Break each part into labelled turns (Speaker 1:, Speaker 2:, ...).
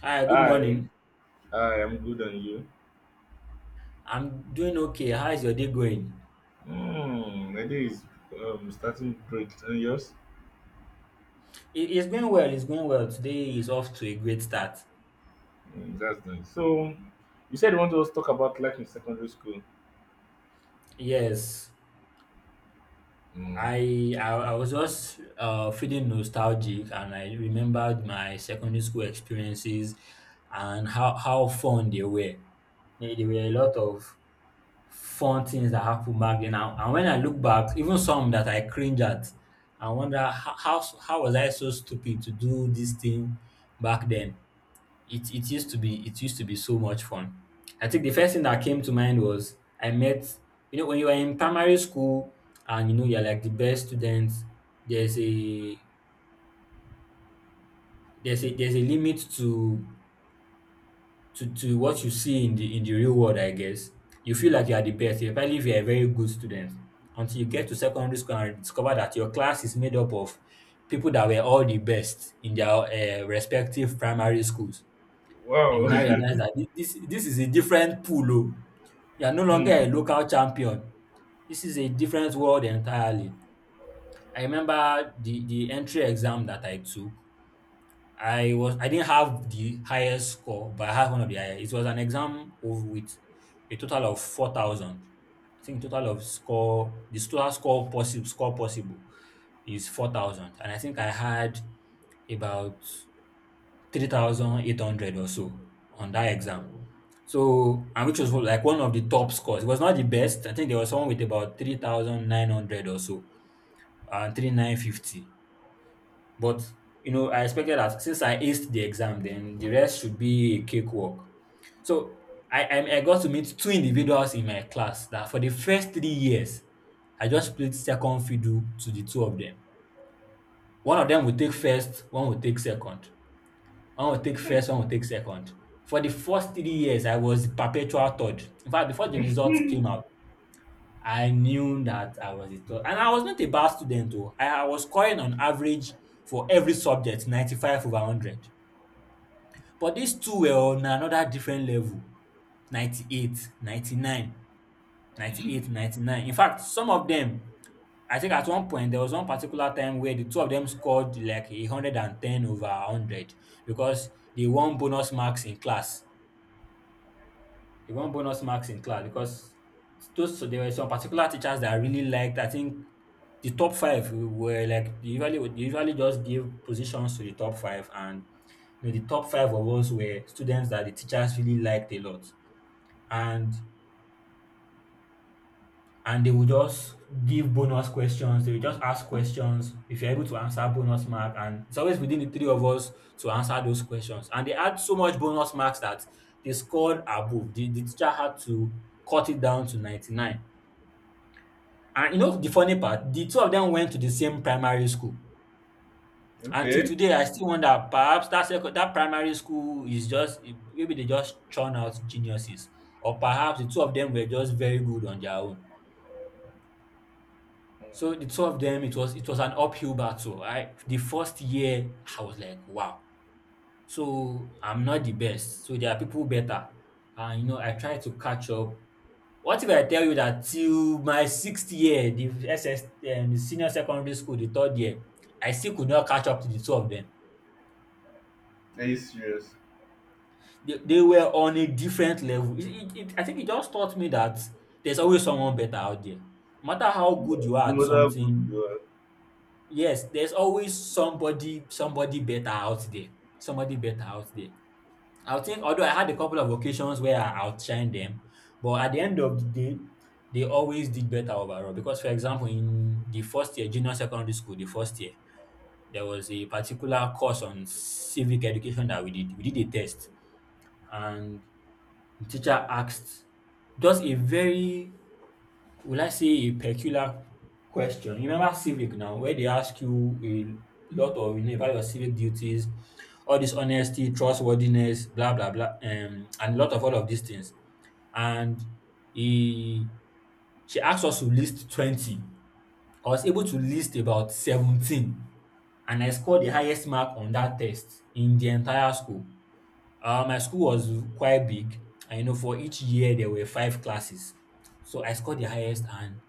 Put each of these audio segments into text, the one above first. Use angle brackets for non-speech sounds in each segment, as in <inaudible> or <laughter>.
Speaker 1: Hi, good
Speaker 2: Hi,
Speaker 1: morning.
Speaker 2: hi, I'm good, and you?
Speaker 1: I'm doing okay. How is your day going?
Speaker 2: My day is starting great, and yours?
Speaker 1: It's going well. It's going well. Today is off to a great start.
Speaker 2: Mm, that's nice. So, you said you want to also talk about life in secondary school.
Speaker 1: Yes,
Speaker 2: Hmm.
Speaker 1: I was just feeling nostalgic, and I remembered my secondary school experiences and how fun they were. There were a lot of fun things that happened back then, and when I look back, even some that I cringe at, I wonder how was I so stupid to do this thing back then. It used to be it used to be so much fun. I think the first thing that came to mind was I met, when you are in primary school and you're like the best student, there's a there's a limit to what you see in the real world, I guess. You feel like you are the best, especially if you're a very good student. Until you get to secondary school and discover that your class is made up of people that were all the best in their respective primary schools. And you
Speaker 2: Wow.
Speaker 1: now realize that this is a different pool. Oh. You are no
Speaker 2: <laughs>
Speaker 1: longer
Speaker 2: Hmm.
Speaker 1: a local champion. This is a different world entirely. I remember the entry exam that I took. I didn't have the highest score, but I had one of the highest. It was an exam of with a total of 4,000. I think total of score the total score possible is 4,000, and I think I had about 3,800 or so on that exam. So, and which was like one of the top scores. It was not the best. I think there was someone with about 3,900 or so, and 3,950. But, I expected that since I aced the exam, then the rest should be a cakewalk. So, I got to meet two individuals in my class that, for the first 3 years, I just played second fiddle to the two of them. One of them would take first, one would take second. One will take first, one will take second. For the first 3 years, I was perpetual third. In fact, before the results came out, I knew that I was a third. And I was not a bad student though. I was scoring on average for every subject 95 over 100. But these two were on another different level: 98, 99, 98, 99. In fact, some of them, I think at one point, there was one particular time where the two of them scored like 110 over 100, because they won bonus marks in class. They won bonus marks in class because those so there were some particular teachers that I really liked. I think the top five were like, they usually just give positions to the top five, and the top five of us were students that the teachers really liked a lot. And and they will just give bonus questions. They will just ask questions. If you're able to answer, bonus mark. And it's always within the three of us to answer those questions. And they had so much bonus marks that they scored above. The teacher had to cut it down to 99. And you know the funny part? The two of them went to the same primary school. Until
Speaker 2: Okay.
Speaker 1: today, I still wonder, perhaps that primary school is just, maybe they just churn out geniuses, or perhaps the two of them were just very good on their own. So the two of them, it was an uphill battle. I the first year I was like, wow. So I'm not the best. So there are people better. And I try to catch up. What if I tell you that till my sixth year, the SS the senior secondary school, the third year, I still could not catch up to the two of them.
Speaker 2: Are you serious?
Speaker 1: They were on a different level. I think it just taught me that there's always someone better out there. No matter how
Speaker 2: No,
Speaker 1: good you are
Speaker 2: no
Speaker 1: at
Speaker 2: matter how good you
Speaker 1: something,
Speaker 2: are.
Speaker 1: yes, there's always somebody better out there, somebody better out there. I think, although I had a couple of occasions where I outshined them, but at the end of the day, they always did better overall. Because, for example, in the first year, junior secondary school, the first year, there was a particular course on civic education that we did. We did a test, and the teacher asked just a very, will I say, a peculiar question. You remember civic now, where they ask you a lot of about your civic duties, all this honesty, trustworthiness, blah blah blah, and a lot of all of these things. And he she asked us to list 20. I was able to list about 17, and I scored the highest mark on that test in the entire school. My school was quite big, and for each year there were five classes, so I scored the highest, and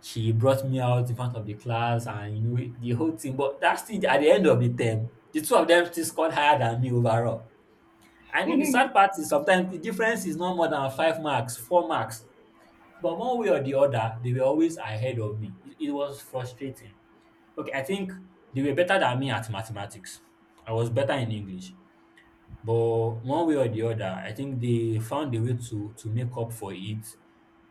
Speaker 1: she brought me out in front of the class, and the whole thing, but that's still, at the end of the term, the two of them still scored higher than me overall. I mean, the sad part is, sometimes the difference is not more than five marks, four marks, but one way or the other they were always ahead of me. It was frustrating. Okay, I think they were better than me at mathematics. I was better in English, but one way or the other, I think they found a way to make up for it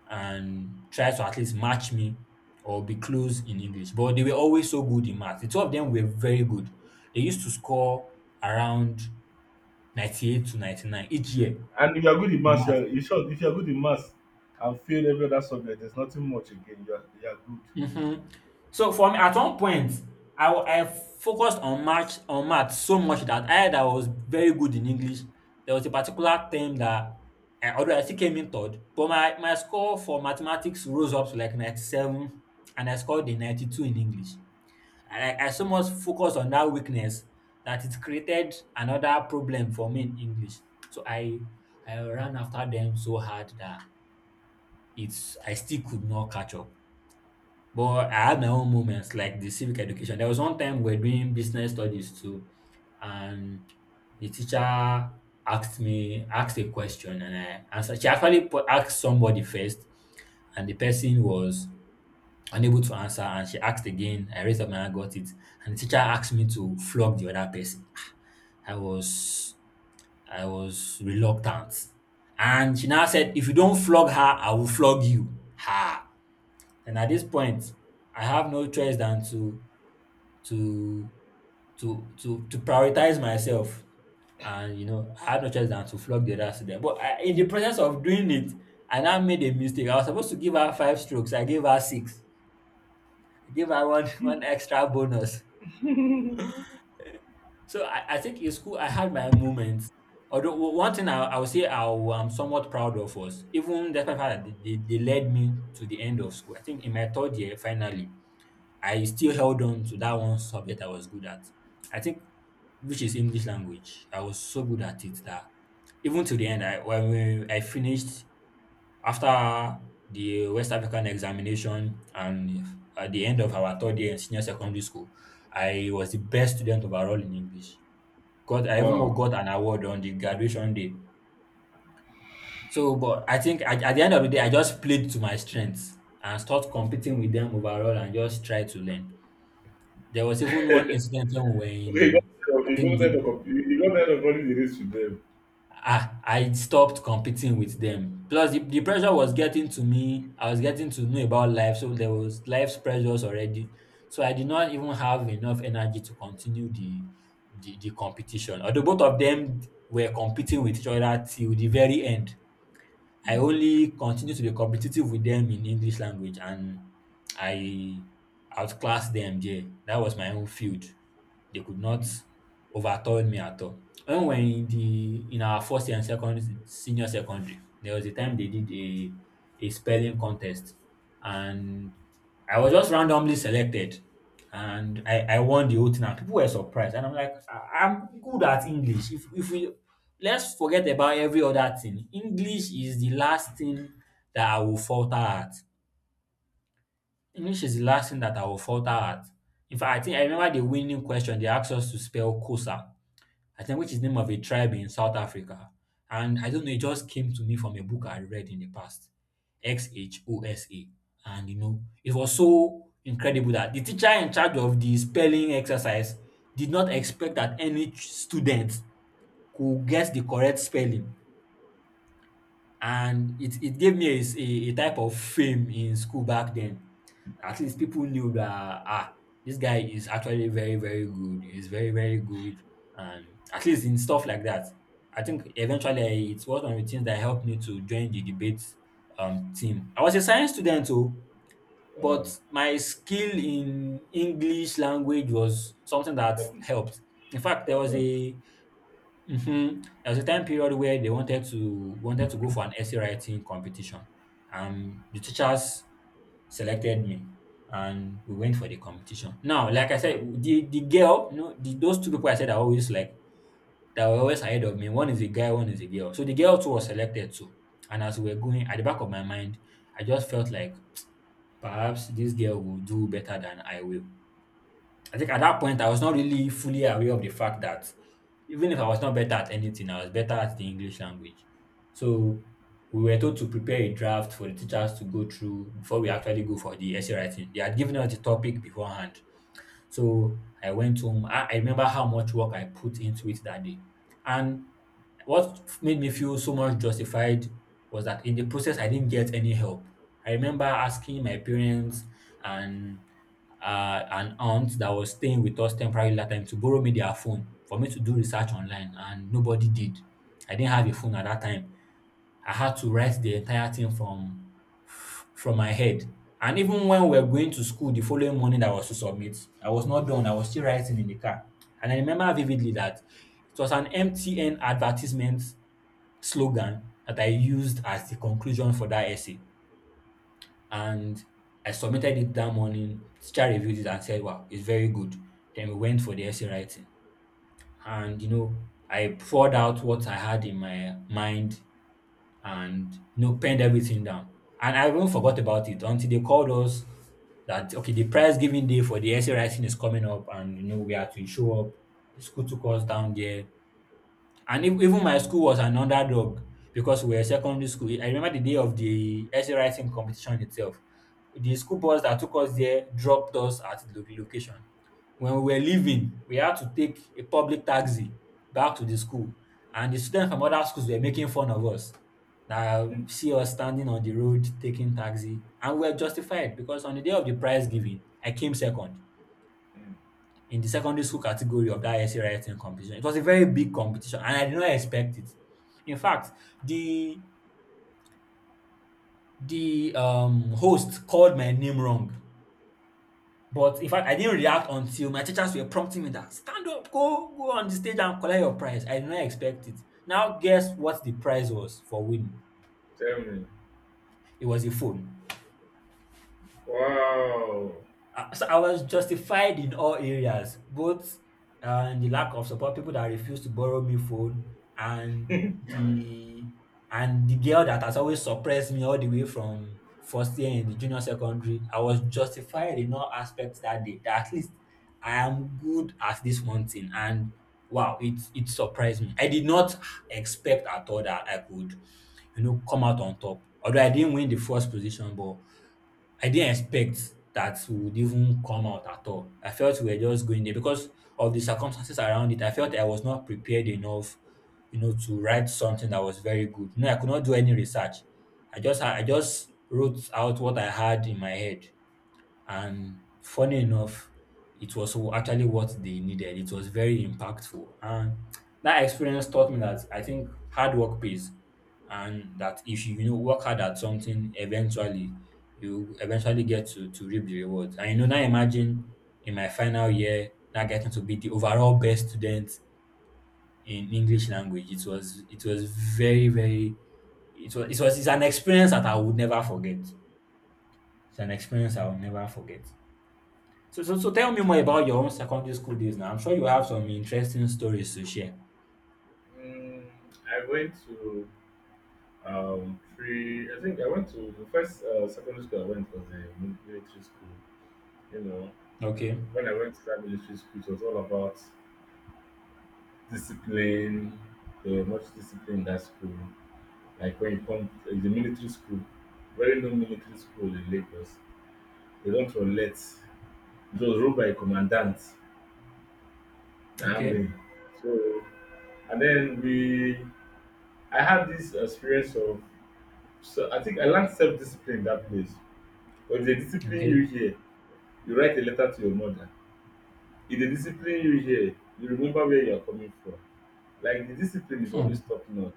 Speaker 1: and try to at least match me or be close in English. But they were always so good in math. The two of them were very good. They used to score around 98 to 99 each year in
Speaker 2: And if you are good in maths, you
Speaker 1: math.
Speaker 2: are, you sure, if you are good in maths and fail every other subject, there's nothing much again. You are good.
Speaker 1: Hmm. So for me, at one point, I focused on math, so much that I that was very good in English. There was a particular term that, although I still came in third, but my score for mathematics rose up to like 97, and I scored a 92 in English. And I so much focused on that weakness that it created another problem for me in English. So I ran after them so hard that it's I still could not catch up. But I had my own moments, like the civic education. There was one time we were doing business studies too, and the teacher asked a question, and I answered. She actually asked somebody first, and the person was unable to answer, and she asked again. I raised up my hand, got it. And the teacher asked me to flog the other person. I was I was reluctant. And she now said, if you don't flog her, I will flog you. Ha! And at this point, I have no choice than to to prioritize myself. And I had no choice than to flog the other student. But in the process of doing it, I now made a mistake. I was supposed to give her five strokes. I gave her six. I gave her one <laughs> one extra bonus. So I think in school I had my moments. Although one thing I would say I am somewhat proud of, was, even despite the fact that they led me to the end of school, I think in my third year, finally, I still held on to that one subject I was good at. I think, which is English language. I was so good at it that, even to the end, I finished, after the West African examination and at the end of our third year in senior secondary school, I was the best student overall in English. Got I even
Speaker 2: Wow.
Speaker 1: got an award on the graduation day. So, but I think, at the end of the day, I just played to my strengths and start competing with them overall and just try to learn. There was even one incident when we were
Speaker 2: Okay,
Speaker 1: in, I
Speaker 2: you
Speaker 1: think
Speaker 2: got that of you got that of running the race with them.
Speaker 1: I stopped competing with them. Plus, the pressure was getting to me. I was getting to know about life, so there was life's pressures already. So I did not even have enough energy to continue the competition. Although both of them were competing with each other till the very end. I
Speaker 2: Hmm.
Speaker 1: only continue to be competitive with them in English language, and I outclassed them there. That was my own field. They could not overturn me at all. When we were in our first year and second senior secondary, there was a time they did a spelling contest and I was just randomly selected and I won the whole thing and people were surprised and I'm like I'm good at English. If we Let's forget about every other thing. English is the last thing that I will falter at. English is the last thing that I will falter at. In fact, I think I remember the winning question they asked us to spell COSA, I think, which is the name of a tribe in South Africa. And I don't know, it just came to me from a book I read in the past, XHOSA. And it was so incredible that the teacher in charge of the spelling exercise did not expect that any student could guess the correct spelling, and it gave me a type of fame in school back then. At least people knew that, ah, this guy is actually very very good. He's very very good, and at least in stuff like that. I think eventually it was one of the things that helped me to join the debate team. I was a science student too,
Speaker 2: Wow.
Speaker 1: but my skill in English language was something that
Speaker 2: Top,
Speaker 1: helped. In fact, there
Speaker 2: top
Speaker 1: was
Speaker 2: notch.
Speaker 1: a Mhm. There was a time period where they wanted to go for an essay writing competition. The teachers selected me, and we went for the competition. Now, like I said, the girl, those two people I said are always like that were always ahead of me. One is a guy, one is a girl. So the girl too was selected too. And as we were going, at the back of my mind, I just felt like perhaps this girl will do better than I will. I think at that point I was not really fully aware of the fact that even if I was not better at anything, I was better at the English language. So we were told to prepare a draft for the teachers to go through before we actually go for the essay writing. They had given us the topic beforehand. So I went home. I remember how much work I put into it that day. And what made me feel so much justified was that in the process, I didn't get any help. I remember asking my parents and an aunt that was staying with us temporarily that time to borrow me their phone for me to do research online, and nobody did. I didn't have a phone at that time. I had to write the entire thing from my head. And even when we were going to school the following morning that I was to submit, I was not done. I was still writing in the car. And I remember vividly that it was an MTN advertisement slogan that I used as the conclusion for that essay. And I submitted it that morning. Teacher reviewed it and said, "Wow, it's very good." Then we went for the essay writing. And I poured out what I had in my mind, and penned everything down. And I even forgot about it until they called us that okay, the prize giving day for the essay writing is coming up, and we had to show up. The school took us down there. And ev even my school was an underdog because we were secondary school. I remember the day of the essay writing competition itself. The school bus that took us there dropped us at the location. When we were leaving, we had to take a public taxi back to the school, and the students from other schools were making fun of us. Na see us standing on the road taking taxi, and we were justified, because on the day of the prize giving, I came second
Speaker 2: Hmm.
Speaker 1: in the secondary school category of that essay writing competition. It was a very big competition, and I did not expect it. In fact, the the host called my name wrong, but in fact, I didn't react until my teachers were prompting me that stand up, go on the stage and collect your prize. I did not expect it. Now, guess what the prize was for winning?
Speaker 2: Tell me.
Speaker 1: It was a phone.
Speaker 2: Wow.
Speaker 1: So I was justified in all areas, both in the lack of support, people that refused to borrow me phone, and the the girl that has always suppressed me all the way from first year in the junior secondary. I was justified in all aspects that day. That at least I am good at this one thing, and wow, it surprised me. I did not expect at all that I could, come out on top. Although I didn't win the first position, but I didn't expect that we would even come out at all. I felt we were just going there because of the circumstances around it. I felt I was not prepared enough, to write something that was very good. I could not do any research. I just wrote out what I had in my head. And funny enough, it was actually what they needed. It was very impactful. And that experience taught me that I think hard work pays, and that if you, you know work hard at something, eventually you eventually get to reap the rewards. And now imagine in my final year now getting to be the overall best student in English language. It was very, very — it's an experience that I would never forget. It's an experience I will never forget. So, tell me more about your own secondary school days now. I'm sure you have some interesting stories to share.
Speaker 2: Mm, I went to three. I think I went to the first secondary school I went was a military school. You know,
Speaker 1: Okay.
Speaker 2: when I went to that military school, it was all about discipline. They were much discipline in that school. Like when you come, it's a military school. Very no military school in Lagos. They don't relate. It was ruled by a commandant, the
Speaker 1: Okay.
Speaker 2: army. So, and then we, I had this experience of. So I think I learned self-discipline in that place. But if they discipline
Speaker 1: Okay.
Speaker 2: you here, you write a letter to your mother. If they discipline you here, you remember where you are coming from. Like the discipline is always
Speaker 1: Hmm.
Speaker 2: top notch.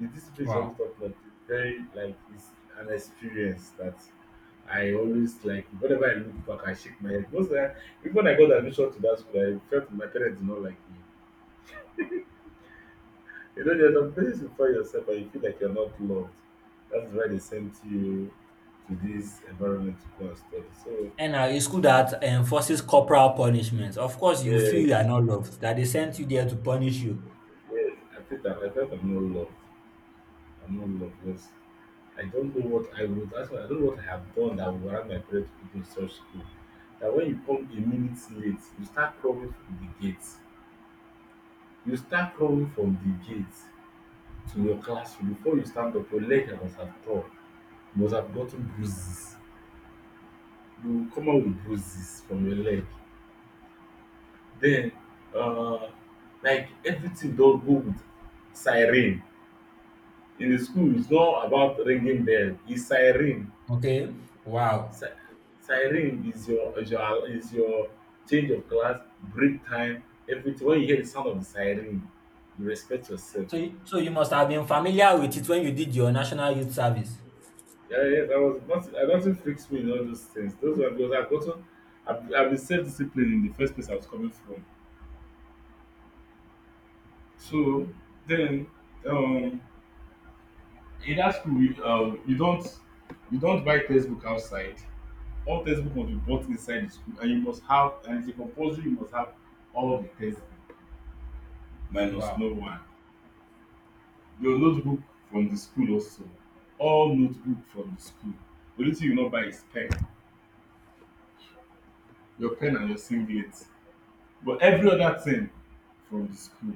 Speaker 2: The discipline is always
Speaker 1: Wow.
Speaker 2: top notch. It's very like it's an experience that I always like, whenever I look back I shake my head. Most of the time, even when I got admission to that school, I felt my parents did not like me. You know, there's some places you find yourself and you feel like you're not loved. That's why they sent you to this environment to go and study. So
Speaker 1: And a school that enforces corporal punishment. Of course, you feel you are
Speaker 2: yes,
Speaker 1: not loved, that they sent you there to punish you.
Speaker 2: yes, I feel that I felt I'm not loved. I'm not loved because I don't know what I would. That's why I don't know what I have done that would allow my parents to put me in such school. That when you come a minute late, you start crawling from the gates. You start crawling from the gates to your classroom. Before you stand up, your leg must have torn. You must have gotten bruises, you come out with bruises from your leg. Then, uh, like everything don go with siren. In the school is not about ringing bell, is siren.
Speaker 1: Okay. Wow.
Speaker 2: si- Siren is your change of class, break time, everything. When you hear the sound of the siren, you respect yourself.
Speaker 1: So, so you must have been familiar with it when you did your national youth service.
Speaker 2: Yeah, yes, I was nothing, I, nothing freaks me in all those things, those were because I gotten, i I been self disciplined in the first place I was coming from. So then. um In that school, you don't buy textbook outside. All textbook must be bought inside the school, and you must have, and it's a compulsory, you must have all of the textbook, minus
Speaker 1: Wow.
Speaker 2: no one. Your notebook from the school also. All notebook from the school. The only thing you not buy is pen, your pen and your singlet. But every other thing from the school.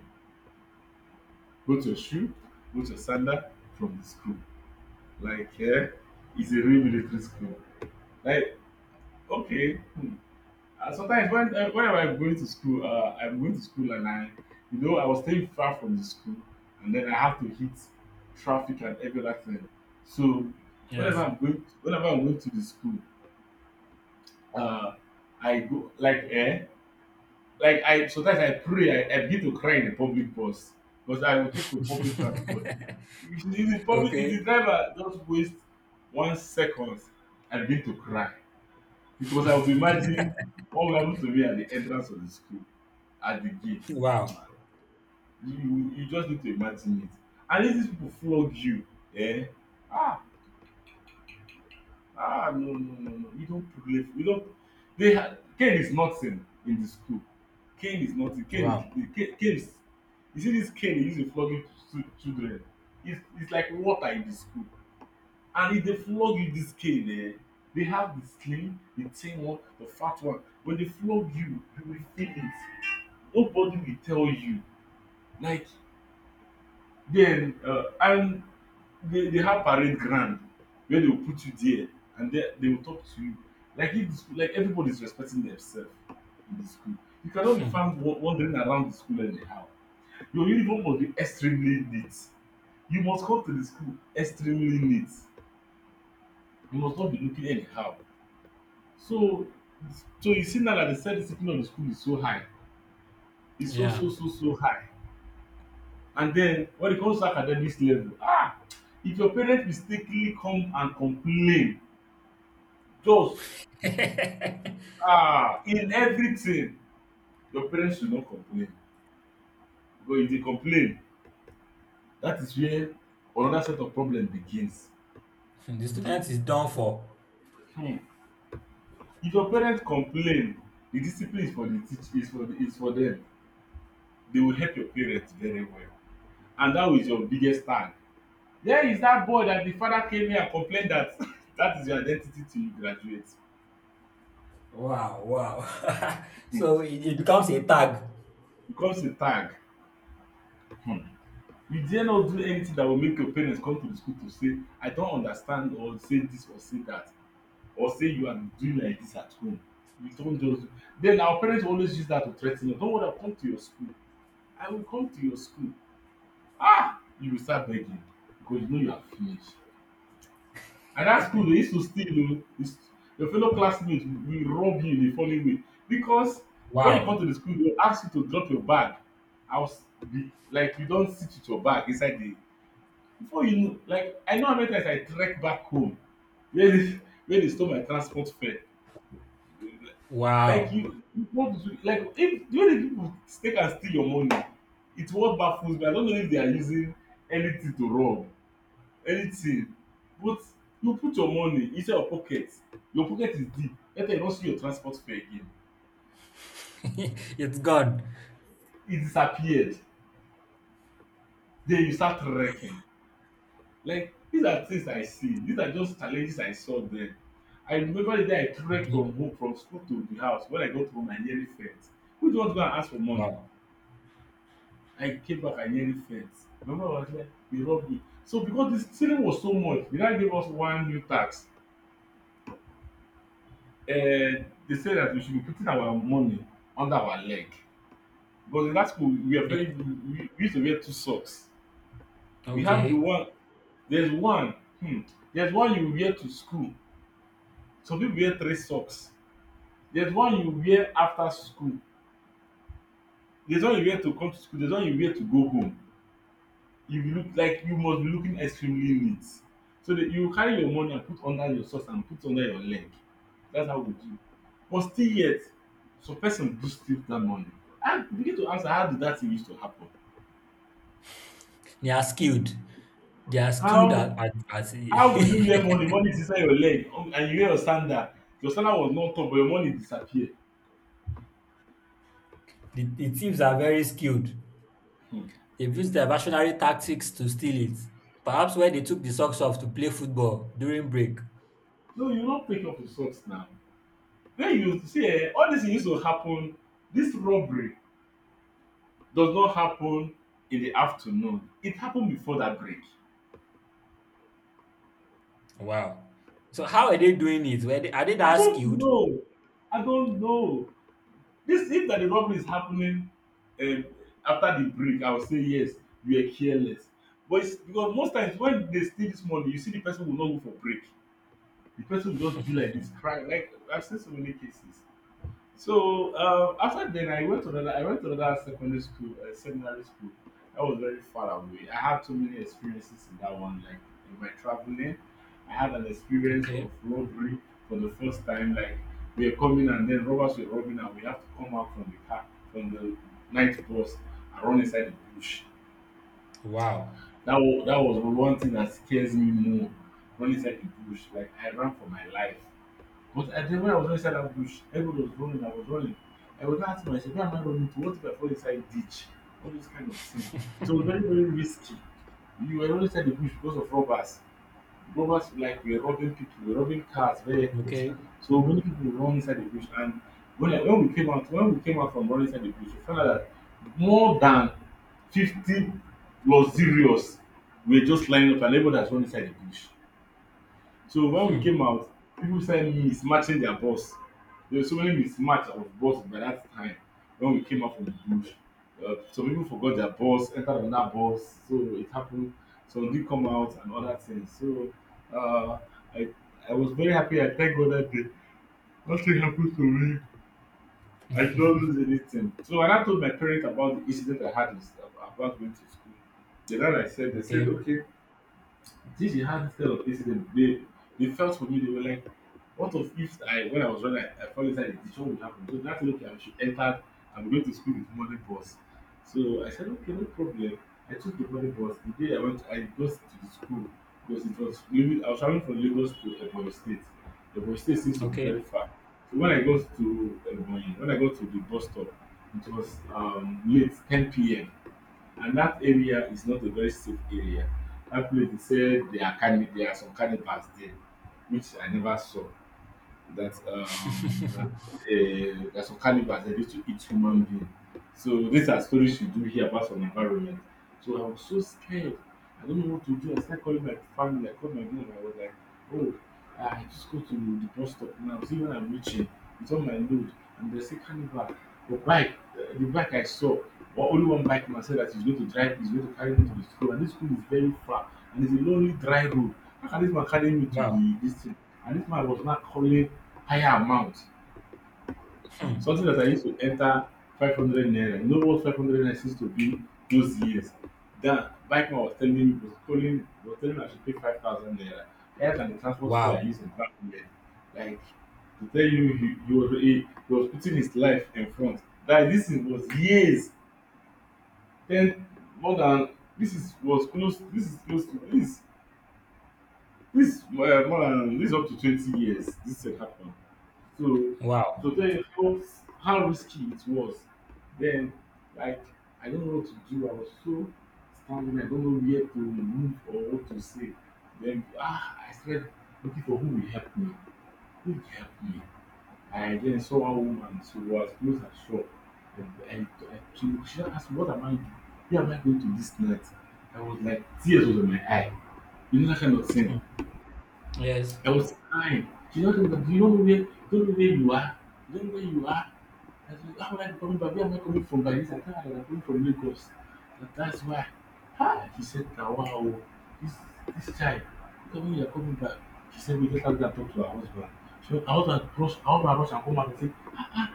Speaker 2: Both your shoe, both your sandal from the school. Like it's a real military school. Like okay. Hmm. Sometimes when whenever I'm going to school, I'm going to school and I was staying far from the school, and then I have to hit traffic and every other thing. So whenever
Speaker 1: Yes.
Speaker 2: I'm going, whenever I'm going to the school, uh, I go like like I sometimes I pray, I begin to cry in the public bus, because I will take the public transport.
Speaker 1: <laughs>
Speaker 2: If
Speaker 1: Okay.
Speaker 2: the driver just waste 1 second, I begin to cry, because I would imagine what will happen to me at the entrance of the school, at the gate.
Speaker 1: Wow.
Speaker 2: You just need to imagine it. And if these people flog you, eh ah, ah, no, no, no, no, we don't play, we don't. They, ha cane is nothing in the school. Cane is nothing. Cane is
Speaker 1: Wow.
Speaker 2: the Cane is. You see this cane they use dey flog, stu children. It's like water in the school. And if they flog you this cane, they have the thin one, the fat one. When they flog you will feel it. Nobody will tell you. Like then, and they have parade ground where they will put you there, and they will talk to you. Like if the school, like everybody is respecting themselves in the school. You cannot be
Speaker 1: Hmm.
Speaker 2: found wandering around the school anyhow. Your uniform must be extremely neat. You must come to the school extremely neat. You must not be looking anyhow. So so you see now that the self discipline of the school is so high, is so
Speaker 1: Yeah.
Speaker 2: so so so high. And then when it comes to academics level, ah, if your parents mistakenly come and complain, just
Speaker 1: <laughs> The
Speaker 2: ah, in everything, your parents should not complain, because if they complain, that is where another set of problem begins.
Speaker 1: student is done for.
Speaker 2: hmm if your parents complain, the discipline is for the teach, is for the, is for them. They will help your parents very well, and that is your biggest stand. There is that boy that the father came here and complained that <laughs> that is your identity till you graduate.
Speaker 1: Wow, wow. <laughs>
Speaker 2: Hmm.
Speaker 1: So it becomes a tag.
Speaker 2: Becomes a tag. Hmm. You dare not do anything that will make your parents come to the school to say, I don't understand, or say this, or say that, or say you are doing like this at home. You don't just do. Then our parents always use that to threaten us. Don't want to come to your school. I will come to your school. Ah! You will start begging because you know you are finished. And that school, they used to steal o. Is your fellow classmates will rob you in a funny way, because when you come to
Speaker 1: Wow,
Speaker 2: the school, they will ask you to drop your bag house, be like you don't sit with your bag inside the, before you know, like I know how many times I trek back home where they <laughs> where they stole my transport fare. Like
Speaker 1: wow.
Speaker 2: you want to, like, if the way the people take and steal your money, it. What baffles me, I don't know if they are using anything to rob, anything. But you put your money inside your pocket, your pocket is deep, later you don't see your transport fare again.
Speaker 1: <laughs> It's gone.
Speaker 2: It disappeared, then you start wrecking. Like these are things I see, these are just challenges I saw. Then I remember the day I trek
Speaker 1: Okay.
Speaker 2: from school to the house. When I got home, I nearly faint. Who do you want to go and ask for money?
Speaker 1: Wow.
Speaker 2: I came back, I nearly faint. Remember, mama was like, they robbed me. So because the stealing was so much, they now give us one new tax. They said that we should be putting our money under our leg. But in that school, we are very
Speaker 1: Okay.
Speaker 2: we used to wear two socks. We have the
Speaker 1: Okay.
Speaker 2: one. There's one. There's one you wear to school. Some people wear three socks. There's one you wear after school. There's one you wear to come to school. There's one you wear to go home. You look like you must be looking extremely neat. So that you carry your money and put under your socks and put under your leg. That's how we do. But still yet, some person do steal that money. I begin to answer, how did that thing used to happen?
Speaker 1: They are skilled. They are skilled
Speaker 2: How
Speaker 1: at <laughs> the,
Speaker 2: How will you hear money? Money is inside your leg, and you hear your standard. Your standard was not up, but your money disappear.
Speaker 1: the thieves are very skilled.
Speaker 2: um
Speaker 1: They've used diversionary tactics to steal it. Perhaps when they took the socks off to play football during break.
Speaker 2: No, you no take up insults now. When you see all dis thing use to happen, dis robbery does not happen in the afternoon. It happen before that break.
Speaker 1: Wow. So how are they doing it? Are they
Speaker 2: I
Speaker 1: that
Speaker 2: don't
Speaker 1: skilled?
Speaker 2: know. I don't know. Dis if na the robbery is happening, um after the break, I will say yes, you were careless. But it's because most times when they steal this money, you see the person will not go for break. The person will just be like this, crying. Like, I've seen so many cases. So after then I went to another, I went to another secondary school, seminary school, that was very far away. I had so many experiences in that one. Like, in my traveling, I had an experience
Speaker 1: Okay.
Speaker 2: of robbery for the first time. Like, we are coming, and then robbers were robbing and we have to come out from the car, from the night bus, and run inside the bush.
Speaker 1: Wow.
Speaker 2: That was one thing that scares me more. Run inside the bush, like, I ran for my life. But I think when I was inside that bush, everybody was running, I was running. I was not asking myself, "Why am I running to? What if I fall inside ditch? All those kind of things." It was very,
Speaker 1: <laughs>
Speaker 2: very risky. You were not inside the bush because of robbers. Robbers, like, were robbing people, were robbing cars, vehicles.
Speaker 1: Okay.
Speaker 2: So many people run inside the bush, and when, I, when we came out, when we came out from running inside the bush, we found out that more than 50 luxurious were just lining up and everybody has run inside the bush. So when we
Speaker 1: Hmm.
Speaker 2: came out, people started mismatching their boss. There was so many mismatch of boss by that time when we came out from the bush. Some people forgot their boss, entered another boss, so it happened. Some did come out and other things. So uh, I I was very happy. I thank God that day. Nothing happened to me. I did not lose anything. So when I told my parents about the incident I had with, about going to school, the dad I said, they said,
Speaker 1: Okay.
Speaker 2: okay, since you had this kind of incident, they felt for me. They were like, "What of if I, when I was running, I fall inside the ditch? What would happen?" So that's okay. I should enter. I'm going to school with morning bus. So I said, "Okay, no problem." I took the morning bus. The day I went, I got to the school because it was maybe I was traveling from Lagos to Ebonyi State. Ebonyi State seems to be
Speaker 1: Okay.
Speaker 2: very far. So when I got to Ebonyi, when I got to the bus stop, it was late, 10 p.m. And that area is not a very safe area. That place, they said there are there are some cannibals there, which I never saw. That that
Speaker 1: <laughs>
Speaker 2: There are some cannibals that used to eat human being. So these are stories you do hear about some environment. So I was so scared. I don't know what to do. I started calling my family. I called my mom. I was like, oh, I just go to the bus stop now. See when I'm reaching, it's on my load. And they say carnival. But bike, the bike I saw, well, only one bike man said that he's going to carry me to the school. And this school is very far. And it's a lonely dry road. How can this man carry me to
Speaker 1: Wow.
Speaker 2: the this thing? And this man was not calling higher amount.
Speaker 1: Hmm.
Speaker 2: Something that I used to enter 500 naira. You know what 500 naira used to be those years? That bike man was telling me I should pay 5,000 naira. Rather than the transport fare I
Speaker 1: Wow.
Speaker 2: used in back then. Like, to tell you, he was putting his life in front. That this is, was years, then more than, this is, was close, this is close to, this, more than, this is up to 20 years. This had happened. So
Speaker 1: Wow.
Speaker 2: so then how risky it was. Then, like, I don't know what to do. I was so stammering. I don't know where to move or what to say. Then, ah, I started looking for who will help me. Who will help me? I then saw a woman. She was close and short. And she asked me, what am I doing? Where am I going to this night? I was like, tears was in my eye. You know that kind of
Speaker 1: Hmm.
Speaker 2: thing.
Speaker 1: Yes.
Speaker 2: I was crying. She not know that you don't know where you are. Do you don't know where you are. I said, how am I coming from? Where am I coming from by this? I thought I was coming from Lagos. That's why. Ah, she said, "Now, wow, oh, this this child, tell me you're coming back." She said, we just have to talk to our husband. So I want to rush and come back and say, ah, ah.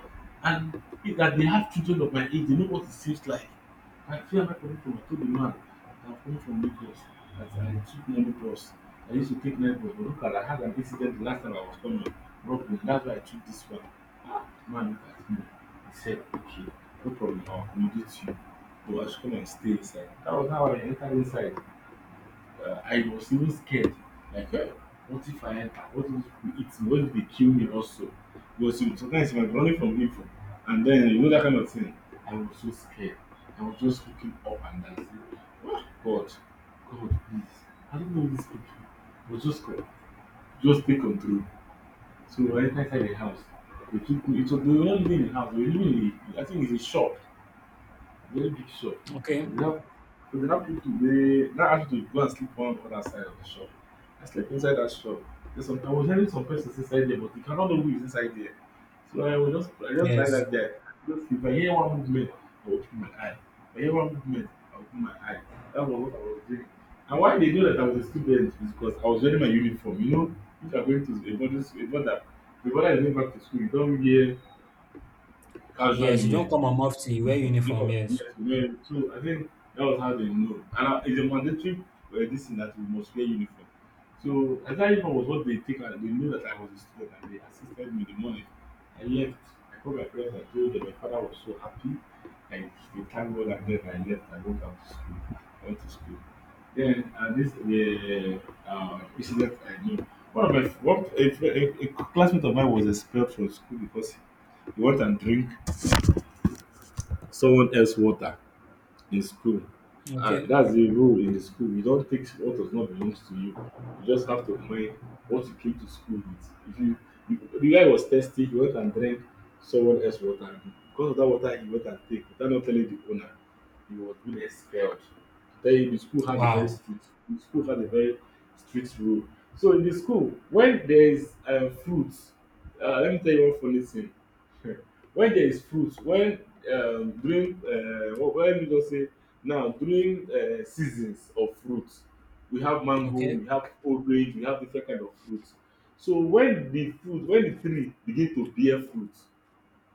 Speaker 2: And if that they have children of my age, they know what it seems like. I feel like coming from a to the man. I'm coming from Lagos. That's I took many bus. I used to take night bus, but look at I had an incident the last time I was coming. Brooklyn. That's why I took this one. Ah, man, look at me. He said, okay, no problem. I'll accommodate you. But I should come and stay inside. That was how I entered inside. I was even scared. Like, eh, what if I enter? What if he eats me? What if they kill me also? Because you know, sometimes you might be running from evil, and then you know that kind of thing. I was so scared. I was just looking up and down, saying, oh, God, God, please. I don't know these people. But just go, just take control. So I entered inside the house. They took me. It was, they were not living in the house. They were living in, the, I think it's a shop. Very big shop.
Speaker 1: Okay.
Speaker 2: But they have but they have people wey now ask you to go and sleep one other side of the shop. I slept inside that shop. There's some I was hearing some persons inside there, but you cannot know who is inside there. So I just like
Speaker 1: Yes.
Speaker 2: that guy. Just if I hear one movement, I will open my eye. If I hear one movement, I will open my eye. That was what I was doing. And why they know that I was a student is because I was wearing my uniform. You know, if you are going to a boarding school, a border, the border is going back to school. You don't wear casual
Speaker 1: Yes. You
Speaker 2: wear.
Speaker 1: don't come on off you wear
Speaker 2: Yes,
Speaker 1: uniform. Yes.
Speaker 2: yes, well, so I think that was how they know. And it's a mandatory this thing that we must wear uniform. So I that uniform was what they take and they know that I was a student and they assisted me the morning. I left. I called my parents and told them my father was so happy. Like they thanked God and then I left. I went out to school. I went to school. Then this the incident I know. One of my one, a classmate of mine was expelled from school because he went and drink someone else water in school. And
Speaker 1: Okay.
Speaker 2: that's the rule in the school, you don't take what does not belong to you. You just have to mind what you came to school with. If you, you, the guy was thirsty, he went and drank someone else water. And because of that water he went and take without not telling the owner, he was being expelled. Tell you, the school had a very
Speaker 1: Wow.
Speaker 2: strict the school had a very strict rule. So in the school, when there is fruit, let me tell you one funny thing. <laughs> When there is fruit, when during let me just say, now, during seasons of fruit, we have mango,
Speaker 1: Okay.
Speaker 2: we have orange, we have different kind of fruit. So when the fruit, when the tree begin to bear fruit,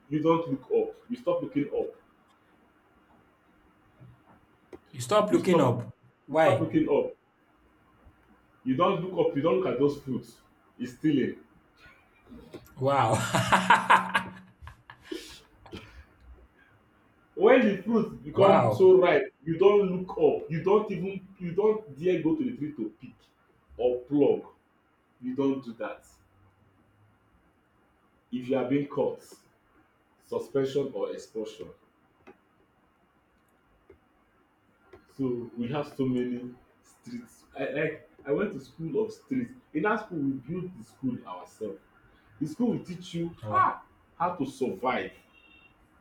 Speaker 2: you don't look up, you stop looking up.
Speaker 1: You stop
Speaker 2: You
Speaker 1: looking
Speaker 2: stop,
Speaker 1: up.
Speaker 2: you stop
Speaker 1: Why?
Speaker 2: looking up. You don't look up, you don't look at those fruits. It's stealing.
Speaker 1: Wow.
Speaker 2: When the fruit
Speaker 1: <laughs>
Speaker 2: become
Speaker 1: Wow.
Speaker 2: so ripe, you don't look up, you don't even, you don't dare go to the tree to pick or pluck. You don't do that. If you are being caught, suspension or expulsion. So we have so many streets. I, like, I went to school of streets. In that school we build the school ourselves. The school will teach you
Speaker 1: Wow.
Speaker 2: how to survive.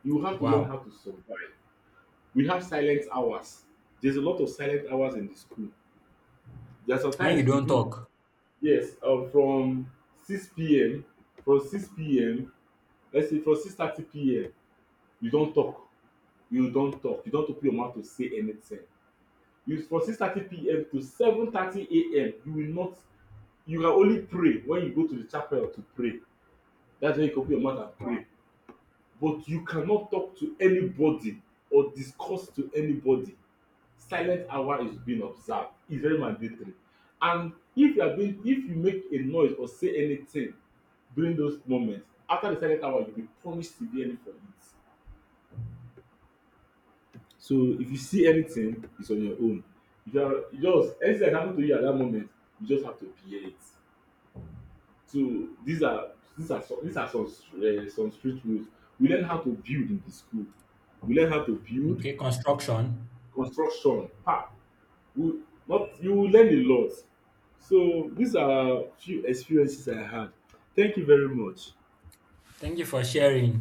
Speaker 2: You have to learn
Speaker 1: Wow.
Speaker 2: how to survive. We have silent hours. There's a lot of silent hours in the school. There are
Speaker 1: When
Speaker 2: sometimes
Speaker 1: you
Speaker 2: you
Speaker 1: don't
Speaker 2: win.
Speaker 1: talk.
Speaker 2: Yes. From 6 p.m., from 6 p.m., let's say from six thirty 30 pm, you not talk, you don talk, you don open your mouth to say anything. You from 6:30 p.m. to 7:30 a.m., you will not, you can only pray when you go to the chapel to pray. That's when you can open your mouth and
Speaker 1: Wow.
Speaker 2: pray. But you cannot talk to anybody or discuss to anybody. Silent hour is being observed, it's very mandatory. And if you are being, if you make a noise or say anything during those moments after the silent hour, you will be punished severely for it. So if you see anything, it's on your own. If you are, you just, anything that happen to you at that moment, you just have to bear it. So these are, these are some street rules. We learn how to build in the school. We learn how to build
Speaker 1: Okay. Construction.
Speaker 2: construction. Ah, we not, you will learn a lot. So these are few experiences I had. Thank you very much.
Speaker 1: Thank you for sharing.